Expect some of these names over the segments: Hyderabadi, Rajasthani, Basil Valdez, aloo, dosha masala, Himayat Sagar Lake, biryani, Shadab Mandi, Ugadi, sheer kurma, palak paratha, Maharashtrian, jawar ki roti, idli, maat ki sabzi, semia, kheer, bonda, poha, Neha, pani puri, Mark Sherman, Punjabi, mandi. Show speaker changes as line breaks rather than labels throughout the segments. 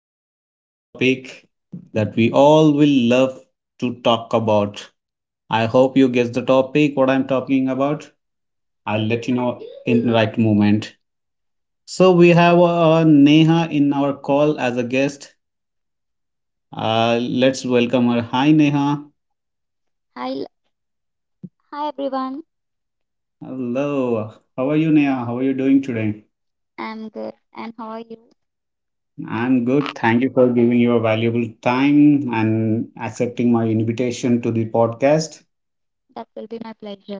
again with another topic that we all will love to talk about. I hope you guess the topic, what I'm talking about. I'll let you know in the right moment. So, we have Neha in our call as a guest. Let's welcome her. Hi, Neha.
Hi, hi everyone.
Hello. How are you, Neha? How are you doing today?
I'm good. And how are you?
I'm good. Thank you for giving your valuable time and accepting my invitation to the podcast.
That will be my pleasure.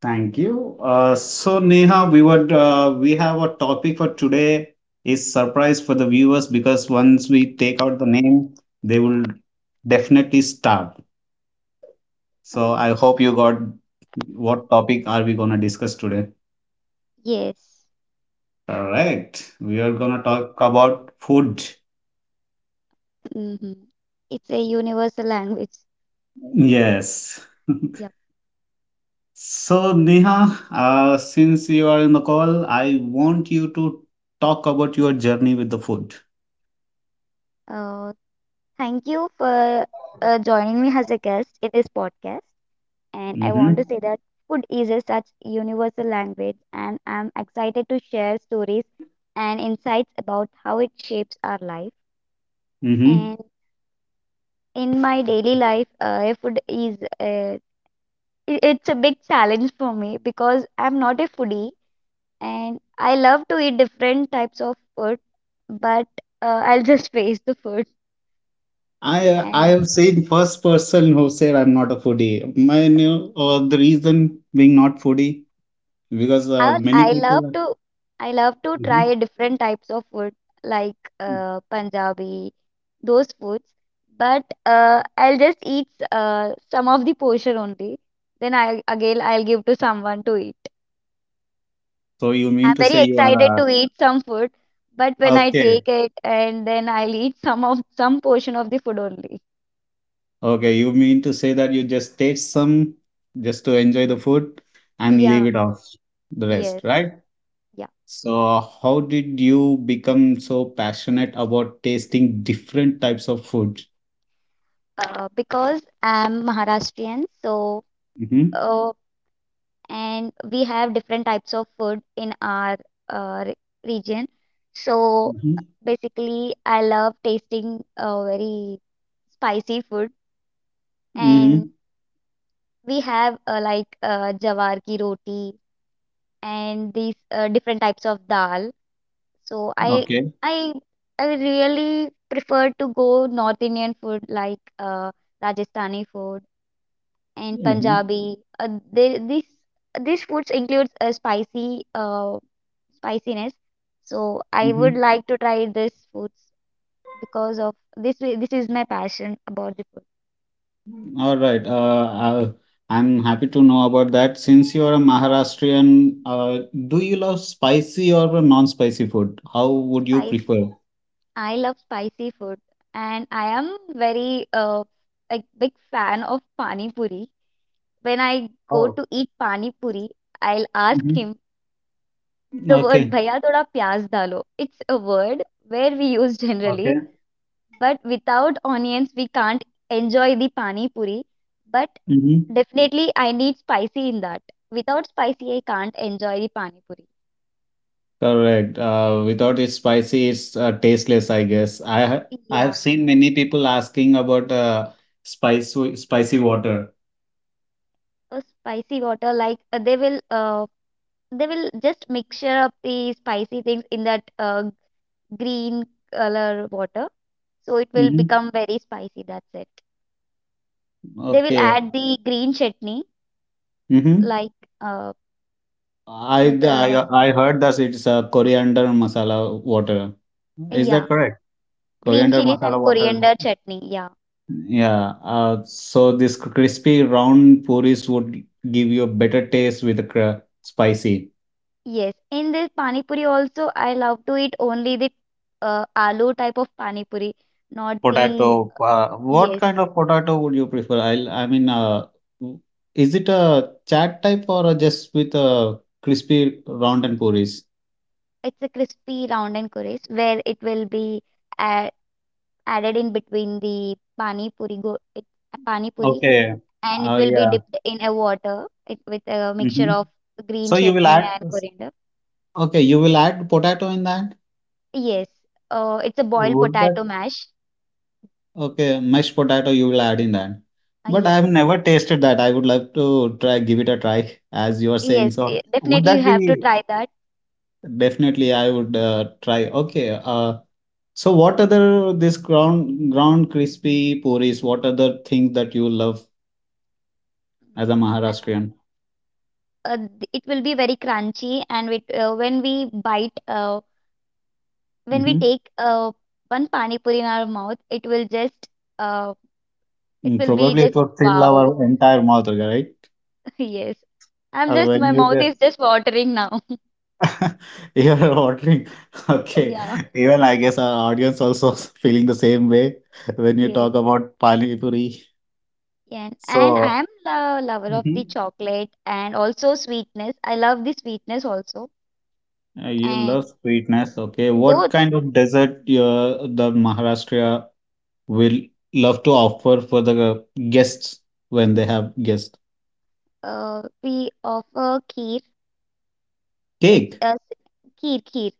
Thank you. So Neha, we have a topic for today is surprise for the viewers because once we take out the name, they will definitely start. So I
Okay.
hope you got what topic are we gonna discuss today?
Yes.
Correct. We are
Yep.
gonna talk about food.
Mm-hmm. It's a universal language.
Yes.
Yep.
So Neha, since you are in the call, I want you to talk about your journey with the food.
Uh, Thank you for joining me as a guest in this podcast. And I want to
Mm-hmm.
say that food is a such universal language, and I'm excited to share stories and insights about how it shapes our life.
Mm-hmm.
And in my daily life, food is it's a big challenge for me because I'm not a foodie and I love to eat different types of food, but I'll just face the food.
I
And
have seen first person who said I'm not a foodie. My new the reason being not foodie because
I
many
I love
people. Are,
to I love to
Mhm.
try different types of food like Punjabi, those foods. But I'll just eat some of the portion only. Then I again I'll give to someone to eat.
So you
I'm
mean to
very
say you
excited to
are
eat some food, but when I
okay?
take it and then I'll eat some of some portion of the food only.
Okay, you mean to say that you just taste some just to enjoy the food and
Yeah.
leave it off the
Yes,
rest, right?
yeah.
So how did you become so passionate about tasting different types of food?
Because I'm Maharashtrian, so
Mm-hmm.
Uh, and we have different types of food in our uh, re- region. So
Mm-hmm.
basically, I love tasting very spicy food, and
Mm-hmm.
we have jawar ki roti and these different types of dal. So
Okay.
I I really prefer to go North Indian food like Rajasthani food and
Mm-hmm.
Punjabi. They, this these foods includes a spicy spiciness. So I would
Mm-hmm.
like to try these foods because of this is my passion about the food.
All right. I'm happy to know about that. Since you're a Maharashtrian, do you love spicy or non-spicy food? How would you
Spicy.
prefer?
I love spicy food and I am very like big fan of pani puri. When I go
Oh,
to eat pani puri, I'll ask
Mm-hmm.
him the word
Okay.
"Bhaiya thoda pyaz dalo." It's a word where we use generally,
Okay.
but without onions we can't enjoy the pani puri. But
Mm-hmm.
definitely I need spicy in that. Without spicy I can't enjoy the pani puri.
Correct. Without it spicy, it's tasteless, I guess. I
Yeah,
have seen many people asking about spicy spicy water.
a spicy water like they will just mixture up the spicy things in that green color water, so it will
Mm-hmm.
become very spicy. That's it. They will
Okay.
add the green chutney,
Mm-hmm.
like uh,
I,
like, uh
I I heard that it's a coriander masala water. Is
yeah,
that correct?
green
Coriander
chilies and
masala water,
coriander chutney. Yeah,
yeah. Uh, so this crispy round puris would give you a better taste with the spicy
yes. In this pani puri also, I love to eat only the aloo type of pani puri, not the
potato. uh, what
yes.
kind of potato would you prefer? I mean, w- is it a chat type or a just with a crispy round and puris?
It's a crispy round and curious where it will be a added in between the pani puri go it, pani puri
Okay.
and it will be
Yeah.
dipped in a water it, with a mixture
Hmm.
of green
So you will
chutney
add,
and coriander.
okay, you will add potato in that.
Yes, it's a boiled
Would
potato
that?
mash.
Okay, mashed potato you will add in that.
Uh,
But
yeah,
I've never tasted that. I would love to try, give it a try, as you are
yes,
saying. So would
definitely you
that
have to
be
try that.
definitely? I would try. Okay. So what other this ground crispy puris? What other things that you love as a
I
Maharashtrian?
want. It will be very crunchy, and with when we bite, when we
Mm-hmm.
take one pani puri in our mouth, it will just, uh, it will be
Probably it
just
would fill
wow.
our entire mouth, right?
Yes, I'm just
When
my
you
mouth is
just
just watering now.
you are ordering. Okay.
Yeah.
Even I guess our audience also feeling the same way when you
Yes.
talk about pani puri.
And I
So,
am a lover of the
Mhm.
chocolate and also sweetness. I love the sweetness also.
You
And
love sweetness. Okay. What
both
kind of dessert the Maharashtra will love to offer for the guests when they have guests?
we offer kheer. It's
Cake.
a s- kheer kheer.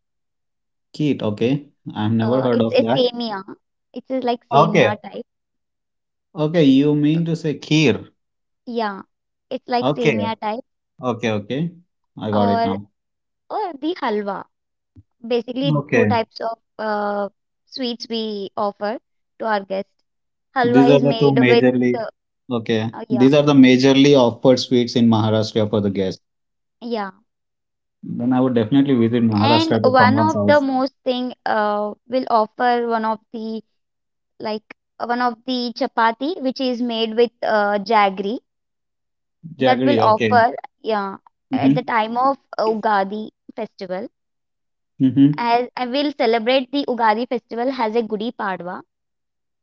Kheer. Okay. I've never heard
It's
of
a
that.
semia. It's a, like semia
Okay.
type.
Okay. You mean to say kheer.
Yeah, it's like
Okay.
semia type
Okay. Okay. I got it
or
now.
or the halwa. Basically, two
Okay.
types of uh, sweets we offer to our guests. Halwa
These are
is
the two
made with uh,
majorly okay.
yeah,
These are the majorly offered sweets in Maharashtra for the guests.
yeah.
Then I would definitely visit
And
Maharashtra to
one
someone's
of the
house.
most thing will offer one of the like one of the chapati which is made with jaggery that will
Jaggery, okay.
offer yeah at the
Mm-hmm.
time of Ugadi festival
Mm-hmm.
as I will celebrate the Ugadi festival as a Gudi Padwa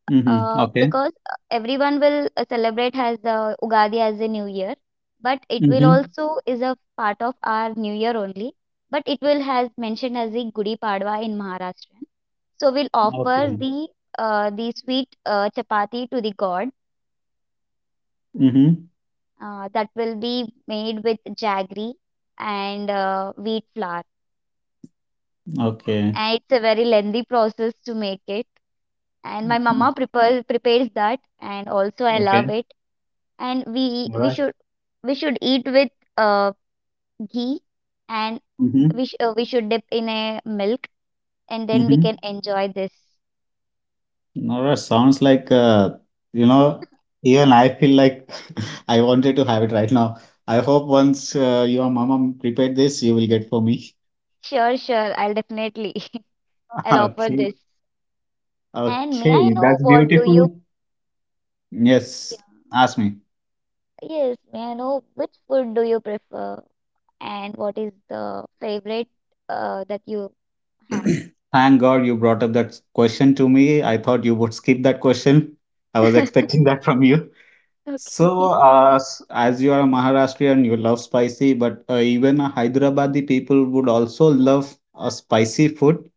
Mm-hmm.
uh,
Okay.
because uh, everyone will celebrate as the Ugadi as a new year, but it will
Mm-hmm.
also is a part of our new year only, but it will has mentioned as the Gudi Padwa in Maharashtra. So we'll offer
Okay.
the sweet chapati to the god,
Mm-hmm.
that will be made with jaggery and wheat flour,
Okay.
and it's a very lengthy process to make it. And my
Mhm.
mama prepares that, and also I love
Okay.
it. And
All right.
we should eat with uh, ghee, and
Mm-hmm.
we should dip in a milk, and then we
Mm-hmm.
can enjoy this.
All right. Sounds like you know, even I feel like I wanted to have it right now. I hope once your mama prepared this, you will get for me.
Sure, sure, I'll definitely I'll offer
Okay.
this. And may I
Okay,
know
that's
what do you?
beautiful. Yes,
Yeah.
ask me.
Yes, may I know which food do you prefer, and what is the favorite that you have?
Thank God you brought up that question to me. I thought you would skip that question. I was expecting that from you. So,
Okay.
as you are a Maharashtrian, you love spicy, but even a Hyderabadi people would also love a spicy food.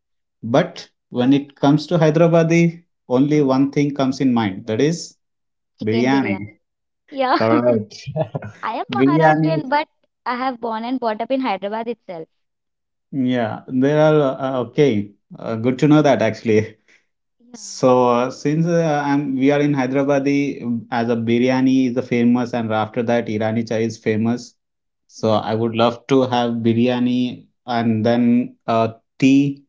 But when it comes to Hyderabadi, only one thing comes in mind, that is
Chicken
biryani.
biryani. Yeah.
Correct.
I am
Biryani,
Maharashtrian, but I have born and brought up in Hyderabad itself.
yeah, there are okay. Good to know that actually.
Yeah,
So since I'm we are in Hyderabad, the as a biryani is a famous, and after that Irani chai is famous. So
yeah.
I would love to have biryani and then tea.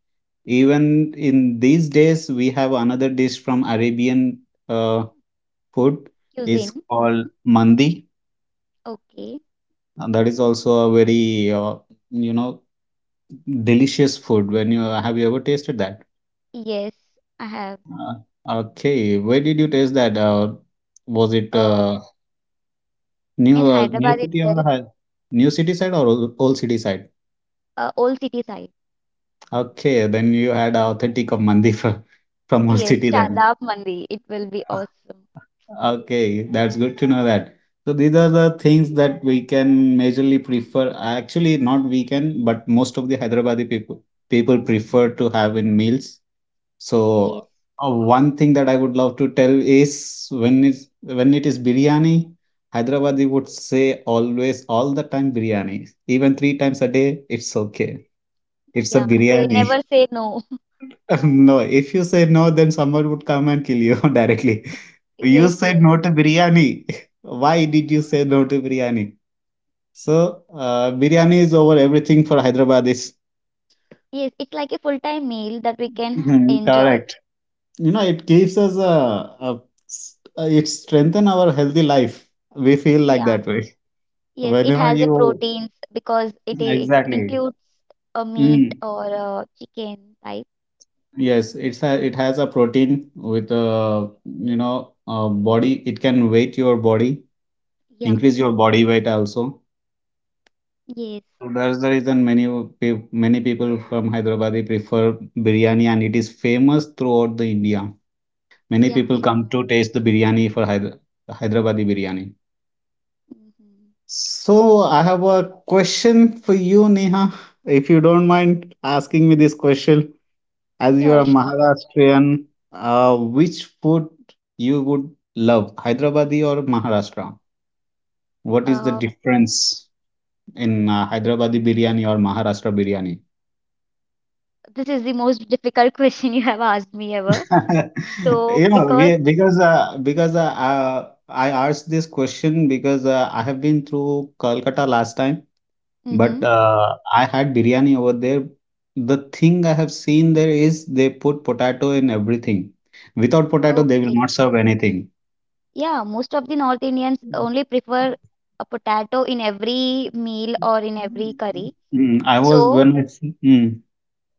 Even in these days, we have another dish from Arabian uh, food. It's
Cuisine.
called
Mhm.
mandi.
Okay.
And that is also a very you know delicious food. When you have you ever tasted that?
Yes, I have.
Uh, okay, where did you taste that? Was it
Uh,
new
in
new
Hyderabad
city or
itself,
new city side or old old city side?
old city side.
Okay, then you had authentic of from old
Yes,
city then.
Shadab Mandi. It will be awesome.
Okay, that's good to know that. So these are the things that we can majorly prefer. Actually, not we can, but most of the Hyderabadi people prefer to have in meals.
Yeah. Yes.
So, one thing that I would love to tell is when it is biryani, Hyderabadi would say always all the time biryani. Even three times a day, it's okay. It's a
Yeah, they
biryani.
never say no.
No, if you say no, then someone would come and kill you directly. You
Yes,
said
yes.
no to biryani. Why did you say no to biryani? So, biryani is over everything for Hyderabadis.
Yes, it's like a full-time meal that we can
Mhm,
enjoy.
correct. You know it gives us a, a it strengthen our healthy life, we feel like
Yeah.
that way
Yes, it
whenever
has a
you
proteins because it it
exactly.
includes a meat
Mm,
or a chicken type.
yes, it has a protein with a, you know, a body. It can weight your body,
Yeah,
increase your body weight also.
yes,
So that's the reason many people from Hyderabad they prefer biryani, and it is famous throughout the India. Many
yeah,
people
yeah.
come to taste the biryani for Hyderabadi biryani.
Hmm.
So I have a question for you, Neha, if you don't mind asking me this question. As you are
Sure,
a
sure.
Maharashtrian, which food you would love, Hyderabadi or Maharashtra? What is the
Uh,
difference in Hyderabadi biryani or Maharashtra biryani?
this is the most difficult question you have asked me ever. So,
You know,
because,
we, because I asked this question because I have been through Kolkata last time.
hmm,
But I had biryani over there. The thing I have seen there is they put potato in everything. Without potato, they will
okay,
not serve anything.
yeah, most of the North Indians only prefer a potato in every meal or in every curry.
Mm, I was
So,
when I see- mm,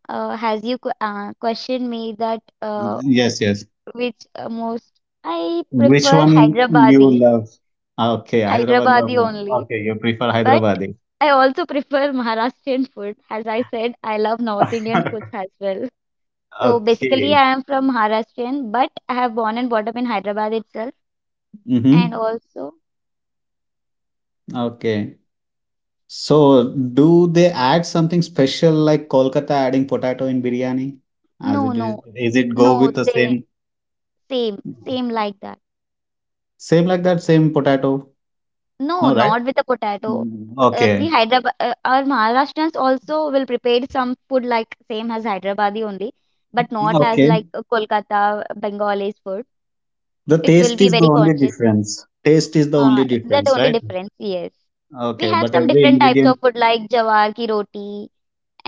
questioned me that
yes, yes.
which most I
Which
prefer
one you
Hyderabadi,
love? Okay, Hyderabad.
Hyderabadi only.
Okay, you prefer
But
Hyderabadi.
I also prefer Maharashtrian food. As I said, I love North Indian foods as well. So basically,
Okay.
I am from Maharashtrian, but I have born and brought up in Hyderabad itself. And
Mm-hmm.
also,
Okay. So, do they add something special like Kolkata adding potato in biryani? As
no,
it
no,
is it go
no,
with the
they
same,
same, same like that.
same like that, same potato?
No,
No, right?
not with the potato.
Mm, okay,
Our Maharashtrians also will prepare some food like same as Hyderabadi only, but not as
okay.
like Kolkata Bengali food.
The
It will
taste
be
is the
very
only
conscious.
difference. Taste is the only
Uh, that
difference,
only
right?
difference, yes. We
Okay,
have
but
some
every
different types
ingredient.
of food like jawar ki roti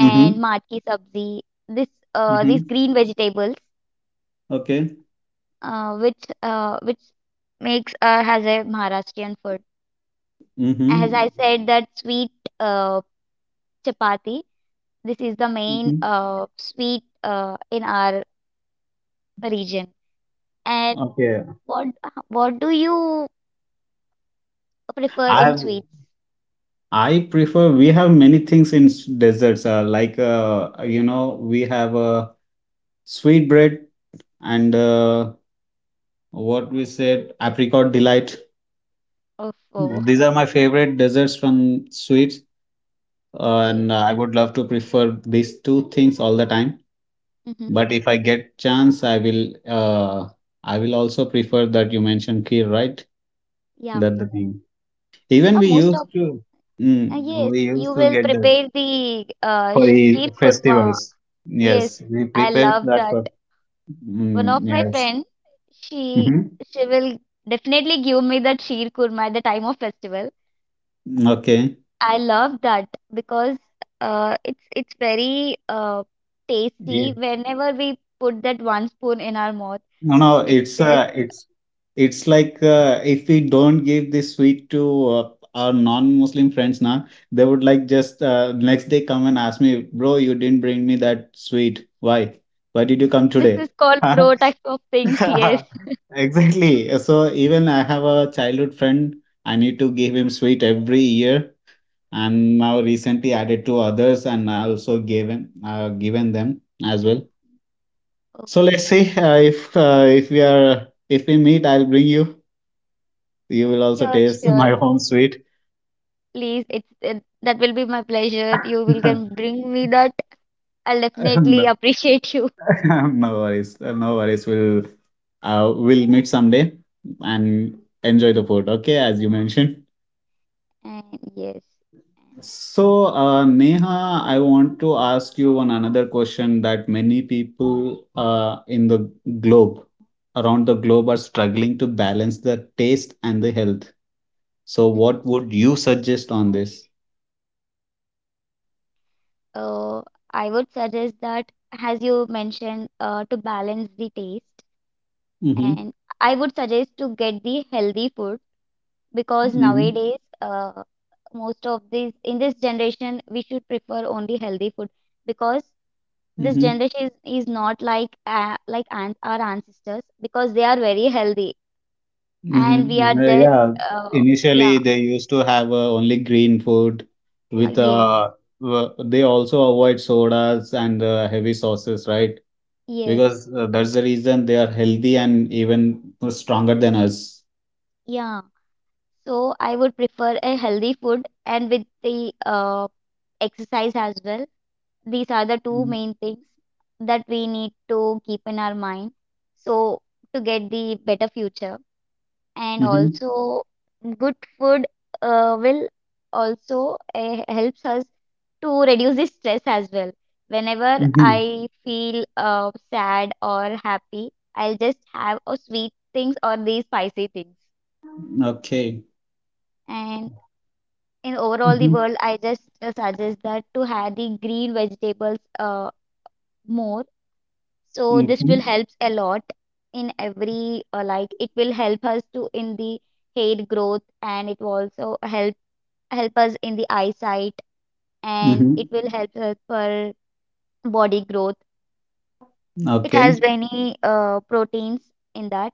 Mm-hmm.
maat ki sabzi. This these
Mm-hmm.
green vegetables,
Okay.
uh, which which makes has a Maharashtrian food. As I
Mm-hmm.
said, that sweet uh, chapati. This is the main
Mm-hmm.
sweet in our region. And
Okay.
what what do you prefer in
I
sweets?
I prefer. We have many things in deserts. We have a sweet bread and what we said apricot delight,
Oh, oh,
these are my favorite desserts from sweets.
okay.
And I would love to prefer these two things all the time,
Mm-hmm.
but if I get chance I will also prefer that you mentioned kheer, right?
Yeah.
That the thing, even we
Most
used
of
to
yes,
we
you
used to
will
get that
prepare the
for
sheer
festivals.
kurma.
Yes
Yes,
we
I
prepare
love
that
that.
for
One of my
yes.
friend, she
Hmm.
she will definitely give me that sheer kurma at the time of festival.
Okay.
I love that because it's very tasty. Whenever we put that one spoon in our mouth,
No, no,
it's just
It's like if we don't give this sweet to our non-Muslim friends now, they would like just next day come and ask me, bro, you didn't bring me that sweet. Why? Why did you come
this
today?
is called bro type of things. Yes. Uh-huh.
Exactly. So even I have a childhood friend. I need to give him sweet every year, and now recently added to others, and I also gave him given them as well. So let's
Okay.
see if we are if we meet, I'll bring you. You will
Okay.
also
Sure,
taste
sure.
my home sweet.
Please, it, that will be my pleasure. You will can bring me that. I'll definitely
No,
appreciate you.
no worries, no worries. We'll meet someday and enjoy the food. Okay, as you mentioned.
And yes, and
So Neha, I want to ask you one another question that many people in the globe around the globe are struggling to balance the taste and the health. So
mm-hmm.
what would you suggest on this?
uh, I would suggest that as you mentioned, to balance the taste.
Mm-hmm.
And I would suggest to get the healthy food because
Mhm.
nowadays, most of these in this generation, we should prefer only healthy food because this
Mhm.
generation is not like our ancestors because they are very healthy and we are
Mhm.
just
Yeah.
uh, yeah,
Initially, they used to have only green food with
yes,
they also avoid sodas and heavy sauces, right?
yes,
Because that's the reason they are healthy and even stronger than us.
yeah. So I would prefer a healthy food and with the exercise as well. These are the two
Mm-hmm.
main things that we need to keep in our mind, so to get the better future, and also good food will also helps us to reduce the stress as well. Whenever
Mm-hmm.
I feel sad or happy, I'll just have a sweet things or these spicy things,
Okay.
and in overall the
Mm-hmm.
world I just suggest that to have the green vegetables more. So this will
Mm-hmm.
help a lot in every like it will help us to in the hair growth, and it will also help us in the eyesight, and
Mm-hmm.
it will help us for body growth. It has
Okay.
many proteins in that.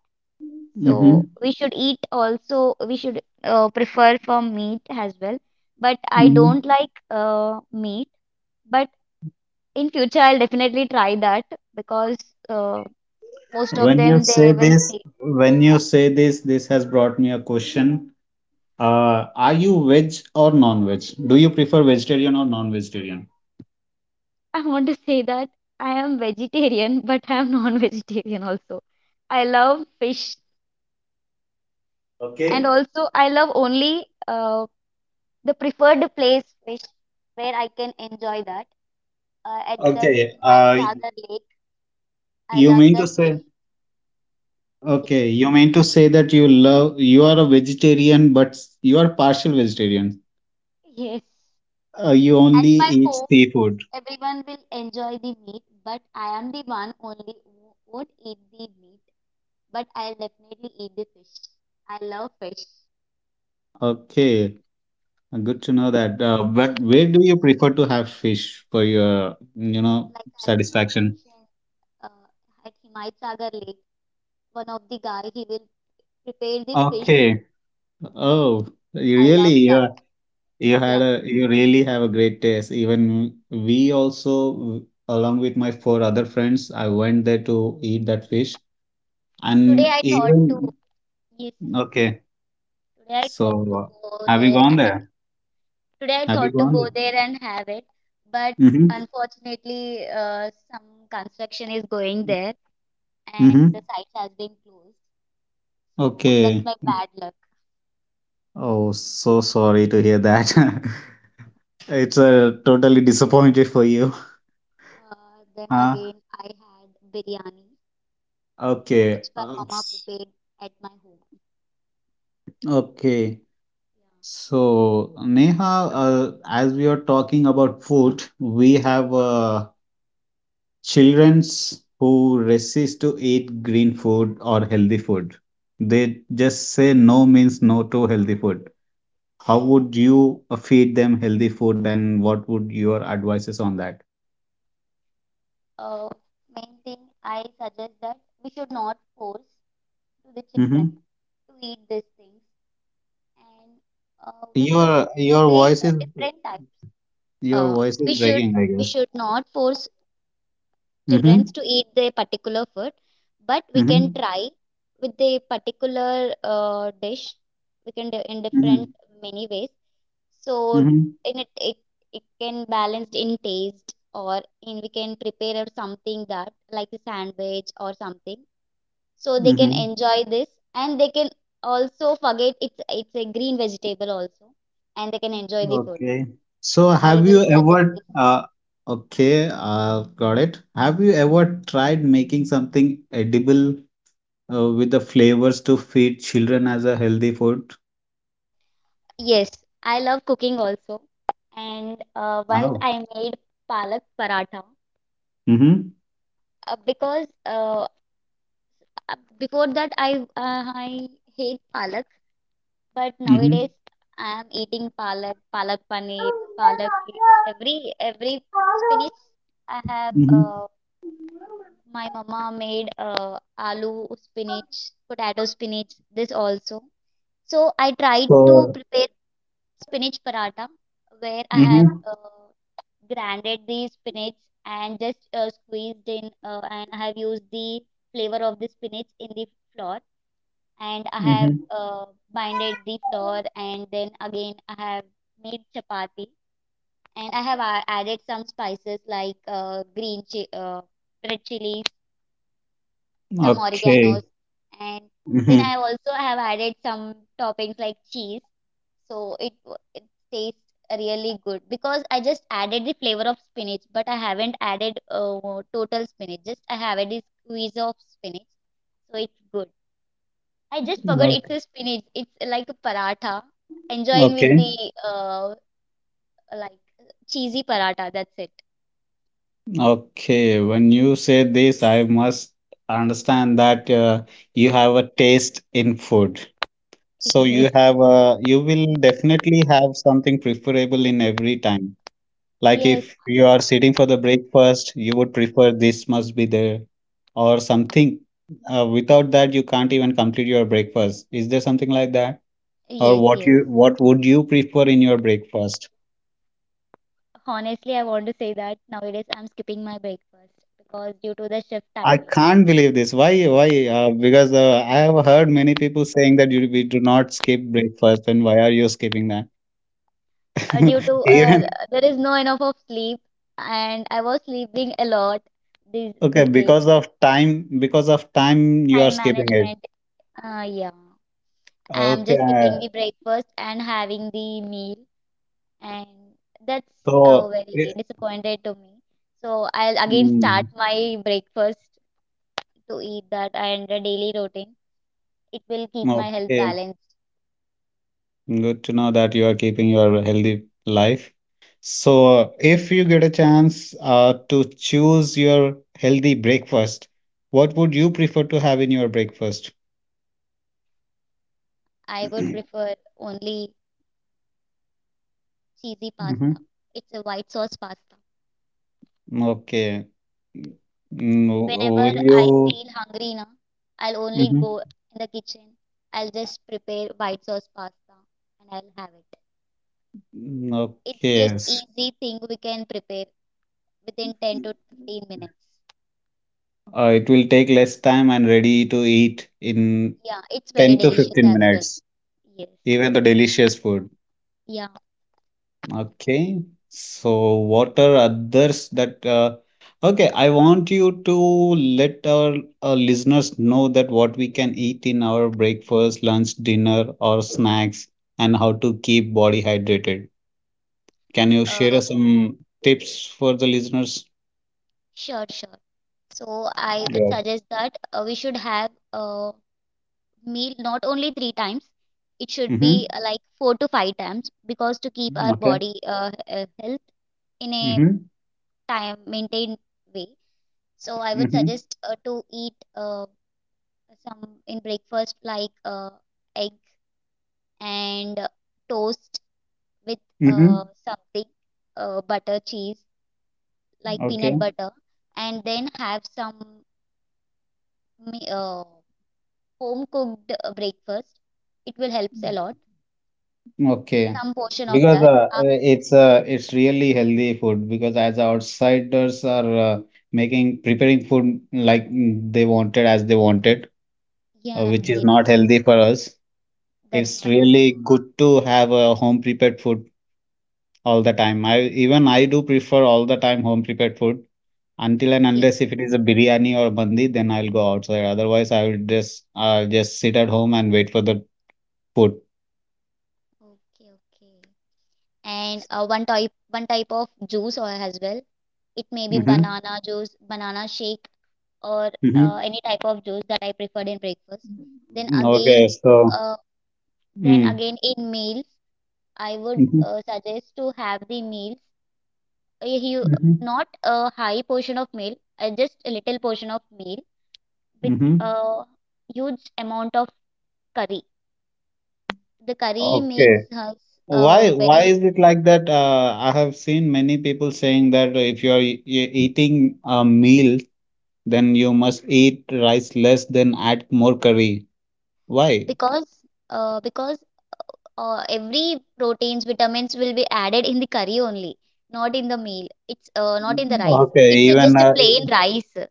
Mm-hmm.
So we should eat, also we should prefer for meat as well. But I
Mm-hmm.
don't like meat, but in future I'll definitely try that because uh, most of
When you
them they
say
will
this,
say
when you say this, this has brought me a question. Are you veg or non-veg? Do you prefer vegetarian or non-vegetarian?
I want to say that I am vegetarian, but I am non-vegetarian also. I love fish, and
Okay.
also I love only the preferred place fish where I can enjoy that. At that
Okay.
Himayat Sagar Lake, I
You
love
mean to
that fish.
say,
Yes.
okay, you mean to say that you love, you are a vegetarian, you are partial vegetarian.
Yes.
You
At
only
my
eat
home,
seafood.
everyone will enjoy the meat, but I am the one only who won't eat the meat, but I'll definitely eat the fish. I love fish.
Okay. Good to know
Yeah.
that. But where do you prefer to have fish for your, you know,
Like as I
satisfaction?
mentioned, uh, at Himayat Sagar Lake, one of the guy he will prepare the fish.
Okay. Oh,
I love
really?
that.
You
Yeah.
had a you really have a great taste. Even we also, along with my four other friends, I went there to eat that fish.
Today
And
I thought to
even
yes, yes.
okay,
Today I thought to
so
go
have you
there
gone
and
there?
today I
Have you
thought to
gone
go
there?
there and have it, but
Mm-hmm.
unfortunately some construction is going there and the
Mm-hmm.
site has been closed. So that's
Okay.
my bad luck.
Oh, so sorry to hear that. It's totally disappointed for you.
Then
Huh?
again I had biryani, which
Okay.
my mama prepared at my home.
Okay. So, Neha, as we are talking about food, we have Childrens who resist to eat green food or healthy food. They just say no means no to healthy food. How would you feed them healthy food and what would your advices on that?
Yeah. Main thing I suggest that we should not force to the
Mm-hmm.
children to eat these things, and we should
Your
prepare
voice is
a different type.
your
Uh,
voice
we
is
should
breaking, I
we
guess.
should not force children
Mm-hmm.
to eat their particular food, but we can
Mm-hmm.
try with the particular dish. We can do in different
Mm-hmm.
many ways. So
Mm-hmm.
it it can balance in taste, or in we can prepare out something that like a sandwich or something. So they can
Mm-hmm.
enjoy this and they can also forget it's a green vegetable also, and they can enjoy the food.
Okay. So
I
have
will
you
suggest this.
ever uh okay, uh got it. Have you ever tried making something edible with the flavors to feed children as a healthy food.
Yes, I love cooking also. And once
Hello.
I made palak paratha
Mm-hmm.
because before that I hate palak. But
Mm-hmm.
nowadays I am eating palak, palak paneer, palak, every spinach. I have
Mm-hmm.
my mama made aloo spinach, potato spinach, this also. So I tried to
So.
prepare spinach paratha, where I have
Mm-hmm.
grinded the spinach and just squeezed in and I have used the flavor of the spinach in the flour, and I have
Mm-hmm.
binded the flour, and then again I have made chapati, and I have added some spices like red chilies, some
Okay.
oreganos, and then I
Mm-hmm.
also have added some toppings like cheese. So it tastes really good because I just added the flavor of spinach, but I haven't added total spinach. Just I have a squeeze of spinach, so it's good. I just forgot it's
Okay.
a spinach. It's like a paratha, enjoying with
Okay.
the uh like cheesy paratha. That's
Okay. When you say this, I must understand that you have a taste in food. So
it.
you have a, you will definitely have something preferable in every time. Like
Yes.
if you are sitting for the breakfast, you would prefer this must be there or
Yes,
something. Without that, you can't even complete your breakfast. Is there something like that? Or
yes,
what
yes.
you what would you prefer in your breakfast?
Honestly, I want to say that nowadays I'm skipping my breakfast because due to the shift
I
timing,
can't believe this. Why? Why? Because I have heard many people saying that you we do not skip breakfast, and why are you skipping
due
that?
to
Even
there is no enough of sleep, and I was sleeping a lot these
okay,
these days.
because of time. Because of time, you are
Time
skipping it.
management. Yeah, I'm just skipping
Okay,
the breakfast and having the meal, and that's
so
very
it-
disappointed to me. So I'll again start
mm,
my breakfast to eat that and a daily routine. It will keep my health
okay.
balanced.
Good to know that you are keeping your healthy life.
Yeah,
So, if you get a chance to choose your healthy breakfast, what would you prefer to have in your breakfast?
I would prefer only cheesy pasta.
Hmm.
It's a white sauce pasta.
Okay. Mm.
Whenever
Will
I
you?
feel hungry na, I'll only go
Mhm.
in the kitchen. I'll just prepare white sauce pasta and I'll have it.
Mm,
It's
Okay.
just
s-
easy thing we can prepare within 10 to 15 minutes.
It will take less time and ready to eat in
Yeah, it's very
10 to
delicious
15
as well.
minutes,
Yes.
even the delicious food.
Yeah,
Okay. So, what are others that? Okay, I want you to let our, uh, listeners know that what we can eat in our breakfast, lunch, dinner, or snacks, and how to keep body hydrated. Can you share
uh,
us some tips for the listeners?
sure, sure. So I would
Yeah.
suggest that we should have a meal not only three times, it should
Mm-hmm.
be like four to five times, because to keep our
Okay.
body health in a
Mm-hmm.
time maintained way. So I would
Mm-hmm.
suggest to eat some in breakfast like egg and toast with
Mm-hmm.
something, butter, cheese, like peanut
Okay.
butter, and then have some uh, home cooked breakfast. It will helps a lot.
Okay.
Some portion of
because
that. Af
it's really healthy food because as outsiders are making preparing food like mm, they wanted as they wanted
yeah,
which is
yes,
not healthy for us.
that's
It's
not healthy.
really good to have a home prepared food all the time. I even I do prefer all the time home prepared food until and unless if
Yes.
it is a biryani or mandi, then I'll go outside, otherwise I will just sit at home and wait for the food.
Okay, okay. And uh, one type of juice or as well. It may be
Mm-hmm.
banana juice, banana shake, or
Mm-hmm.
any type of juice that I preferred in breakfast. Then again,
Okay, so
uh, then
mm.
again in meals, I would suggest to have the meals, a hu
Mm-hmm.
not a high portion of meal, just a little portion of meal with
Mm-hmm.
a huge amount of curry. The curry makes
Okay.
us
Why
very.
is it like that? I have seen many people saying that if you're eating a meal, then you must eat rice less, then add more curry. Why?
Because uh, because every proteins vitamins will be added in the curry only, not in the meal. It's not in the rice.
Okay,
It's a,
even
just a plain rice.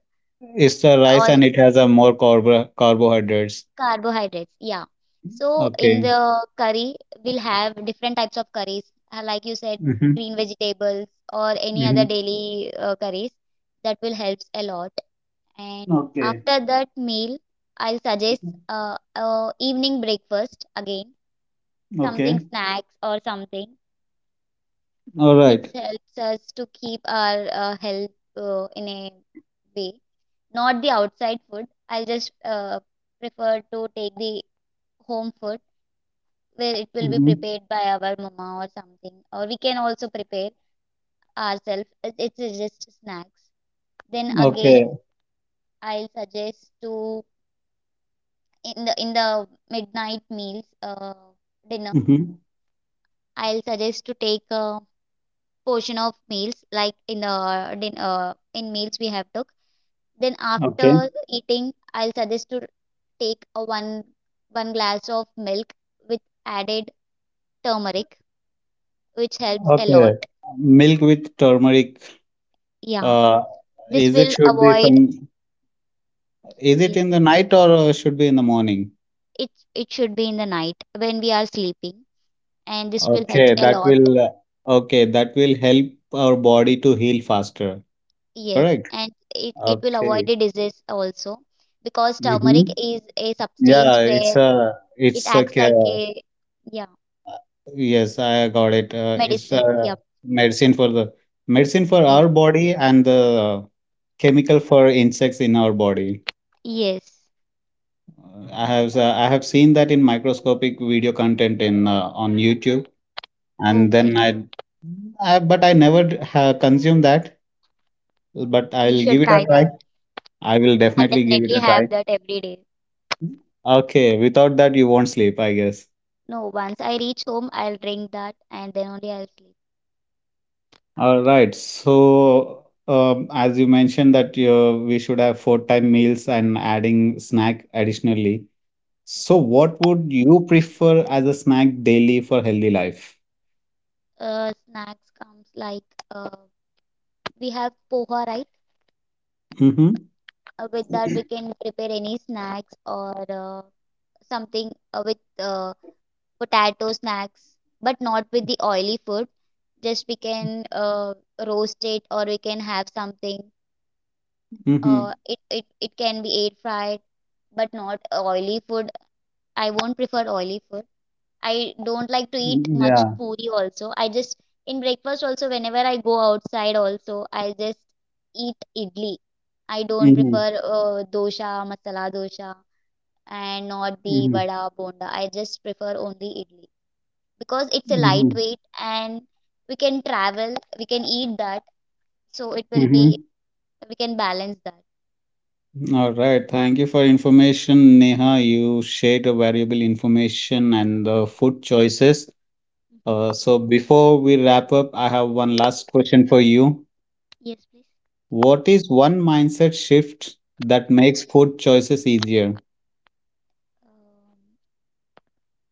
it's a rice
All
and it has a more carbohydrates.
carbohydrates, yeah. So in
Okay.
the curry, we'll have different types of curries, like you said,
Mm-hmm.
green vegetables or any other
Mm-hmm.
daily curries. That will help a lot. And
Okay.
after that meal, I'll suggest evening breakfast again, something
Okay.
snacks or something,
All
which
right.
helps us to keep our health in a way. Not the outside food. I'll just prefer to take the home food, where it will be
Mm-hmm.
prepared by our mama or something, or we can also prepare ourselves. It's just snacks. Then again,
Okay.
I'll suggest to in the midnight meals, dinner,
Mm-hmm.
I'll suggest to take a portion of meals like in meals we have took. Then
Okay.
after eating I'll suggest to take a one glass of milk with added turmeric, which helps a lot.
Okay. Milk with turmeric.
Yeah,
Uh,
this
is it
will
should be
avoid.
from is it
Yes,
in the night or should be in the morning?
it should be in the night when we are sleeping, and this will help
Okay,
a
that
lot.
will uh, okay, that will help our body to heal faster.
Yes,
Correct?
and it will avoid
Okay.
the disease also, because
Mm-hmm.
turmeric is a
Yeah,
substance
it's
where
a
it
it's a
acts like
ca-
a, yeah,
yes, I got it. It's
medicine.
a
Yep.
medicine for the medicine for
Yes.
our body and the chemical for insects in our body.
Yes.
I have seen that in microscopic video content in on YouTube.
Oh,
and then
great.
I, I but I never consume that. But
You
I'll
should
give it a
try
try.
that.
I will
I'll
definitely give it
definitely
a try.
have that every day.
Okay, without that you won't sleep, I guess.
No, once I reach home, I'll drink that and then only I'll sleep.
All right. So, as you mentioned that we should have four time meals and adding snack additionally. So, what would you prefer as a snack daily for healthy life?
Snacks comes like, uh, we have poha, right?
Mm-hmm.
With that we can prepare any snacks, or something with uh, potato snacks, but not with the oily food. Just we can roast it, or we can have something,
Mm-hmm.
it it can be air fried, but not oily food. I won't prefer oily food. I don't like to eat
Mm-hmm,
much
yeah.
puri also. I just in breakfast also, whenever I go outside also, I just eat idli. I don't
Mm-hmm.
prefer dosha, masala dosha, and not the
Mm-hmm.
vada, bonda. I just prefer only idli, because it's a
Mm-hmm.
lightweight, and we can travel, we can eat that, so it will be,
Mm-hmm.
we can balance that.
All right. Thank you for information, Neha. You shared a valuable information and the food choices.
Hmm.
So before we wrap up, I have one last question for you.
Yes, please.
What is one mindset shift that makes food choices easier?
Um,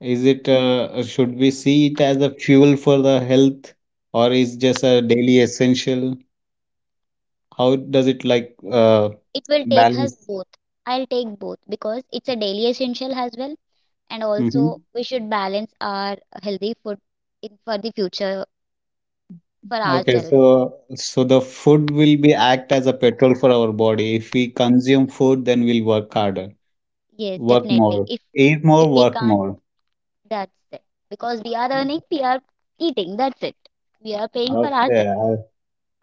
Is
mm,
it should we see it as a fuel for the health, or is just a daily essential? How does it like
it will take us
balance?
both. I'll take both, because it's a daily essential as well, and
Mm-hmm.
also we should balance our healthy food in for the future for
Okay,
ourselves.
so so the food will be act as a petrol for our body. If we consume food, then we'll work harder,
Yes,
work
definitely.
more,
If
eat
if
more,
we
work
can't.
more.
That's it. Because we are earning, we are eating. That's it. We are paying for
Okay,
ourselves.
I,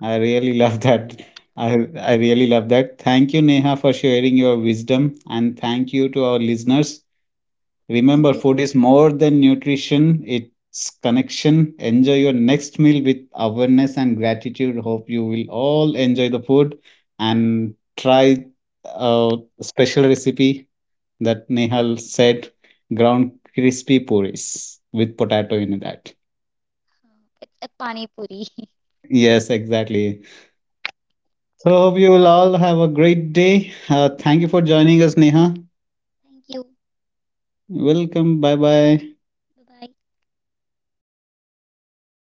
I really love that. I really love that. Thank you, Neha, for sharing your wisdom, and thank you to our listeners.
Thank
Remember,
you.
food is more than nutrition, it's connection. Enjoy your next meal with awareness and gratitude. Hope you will all enjoy the food and try a special recipe that Nehal said ground crispy puris with potato in that.
It's a pani puri.
Yes, exactly. So, hope you will all have a great day. Thank you for joining us, Neha.
Thank you.
Welcome. Bye bye.
Bye bye.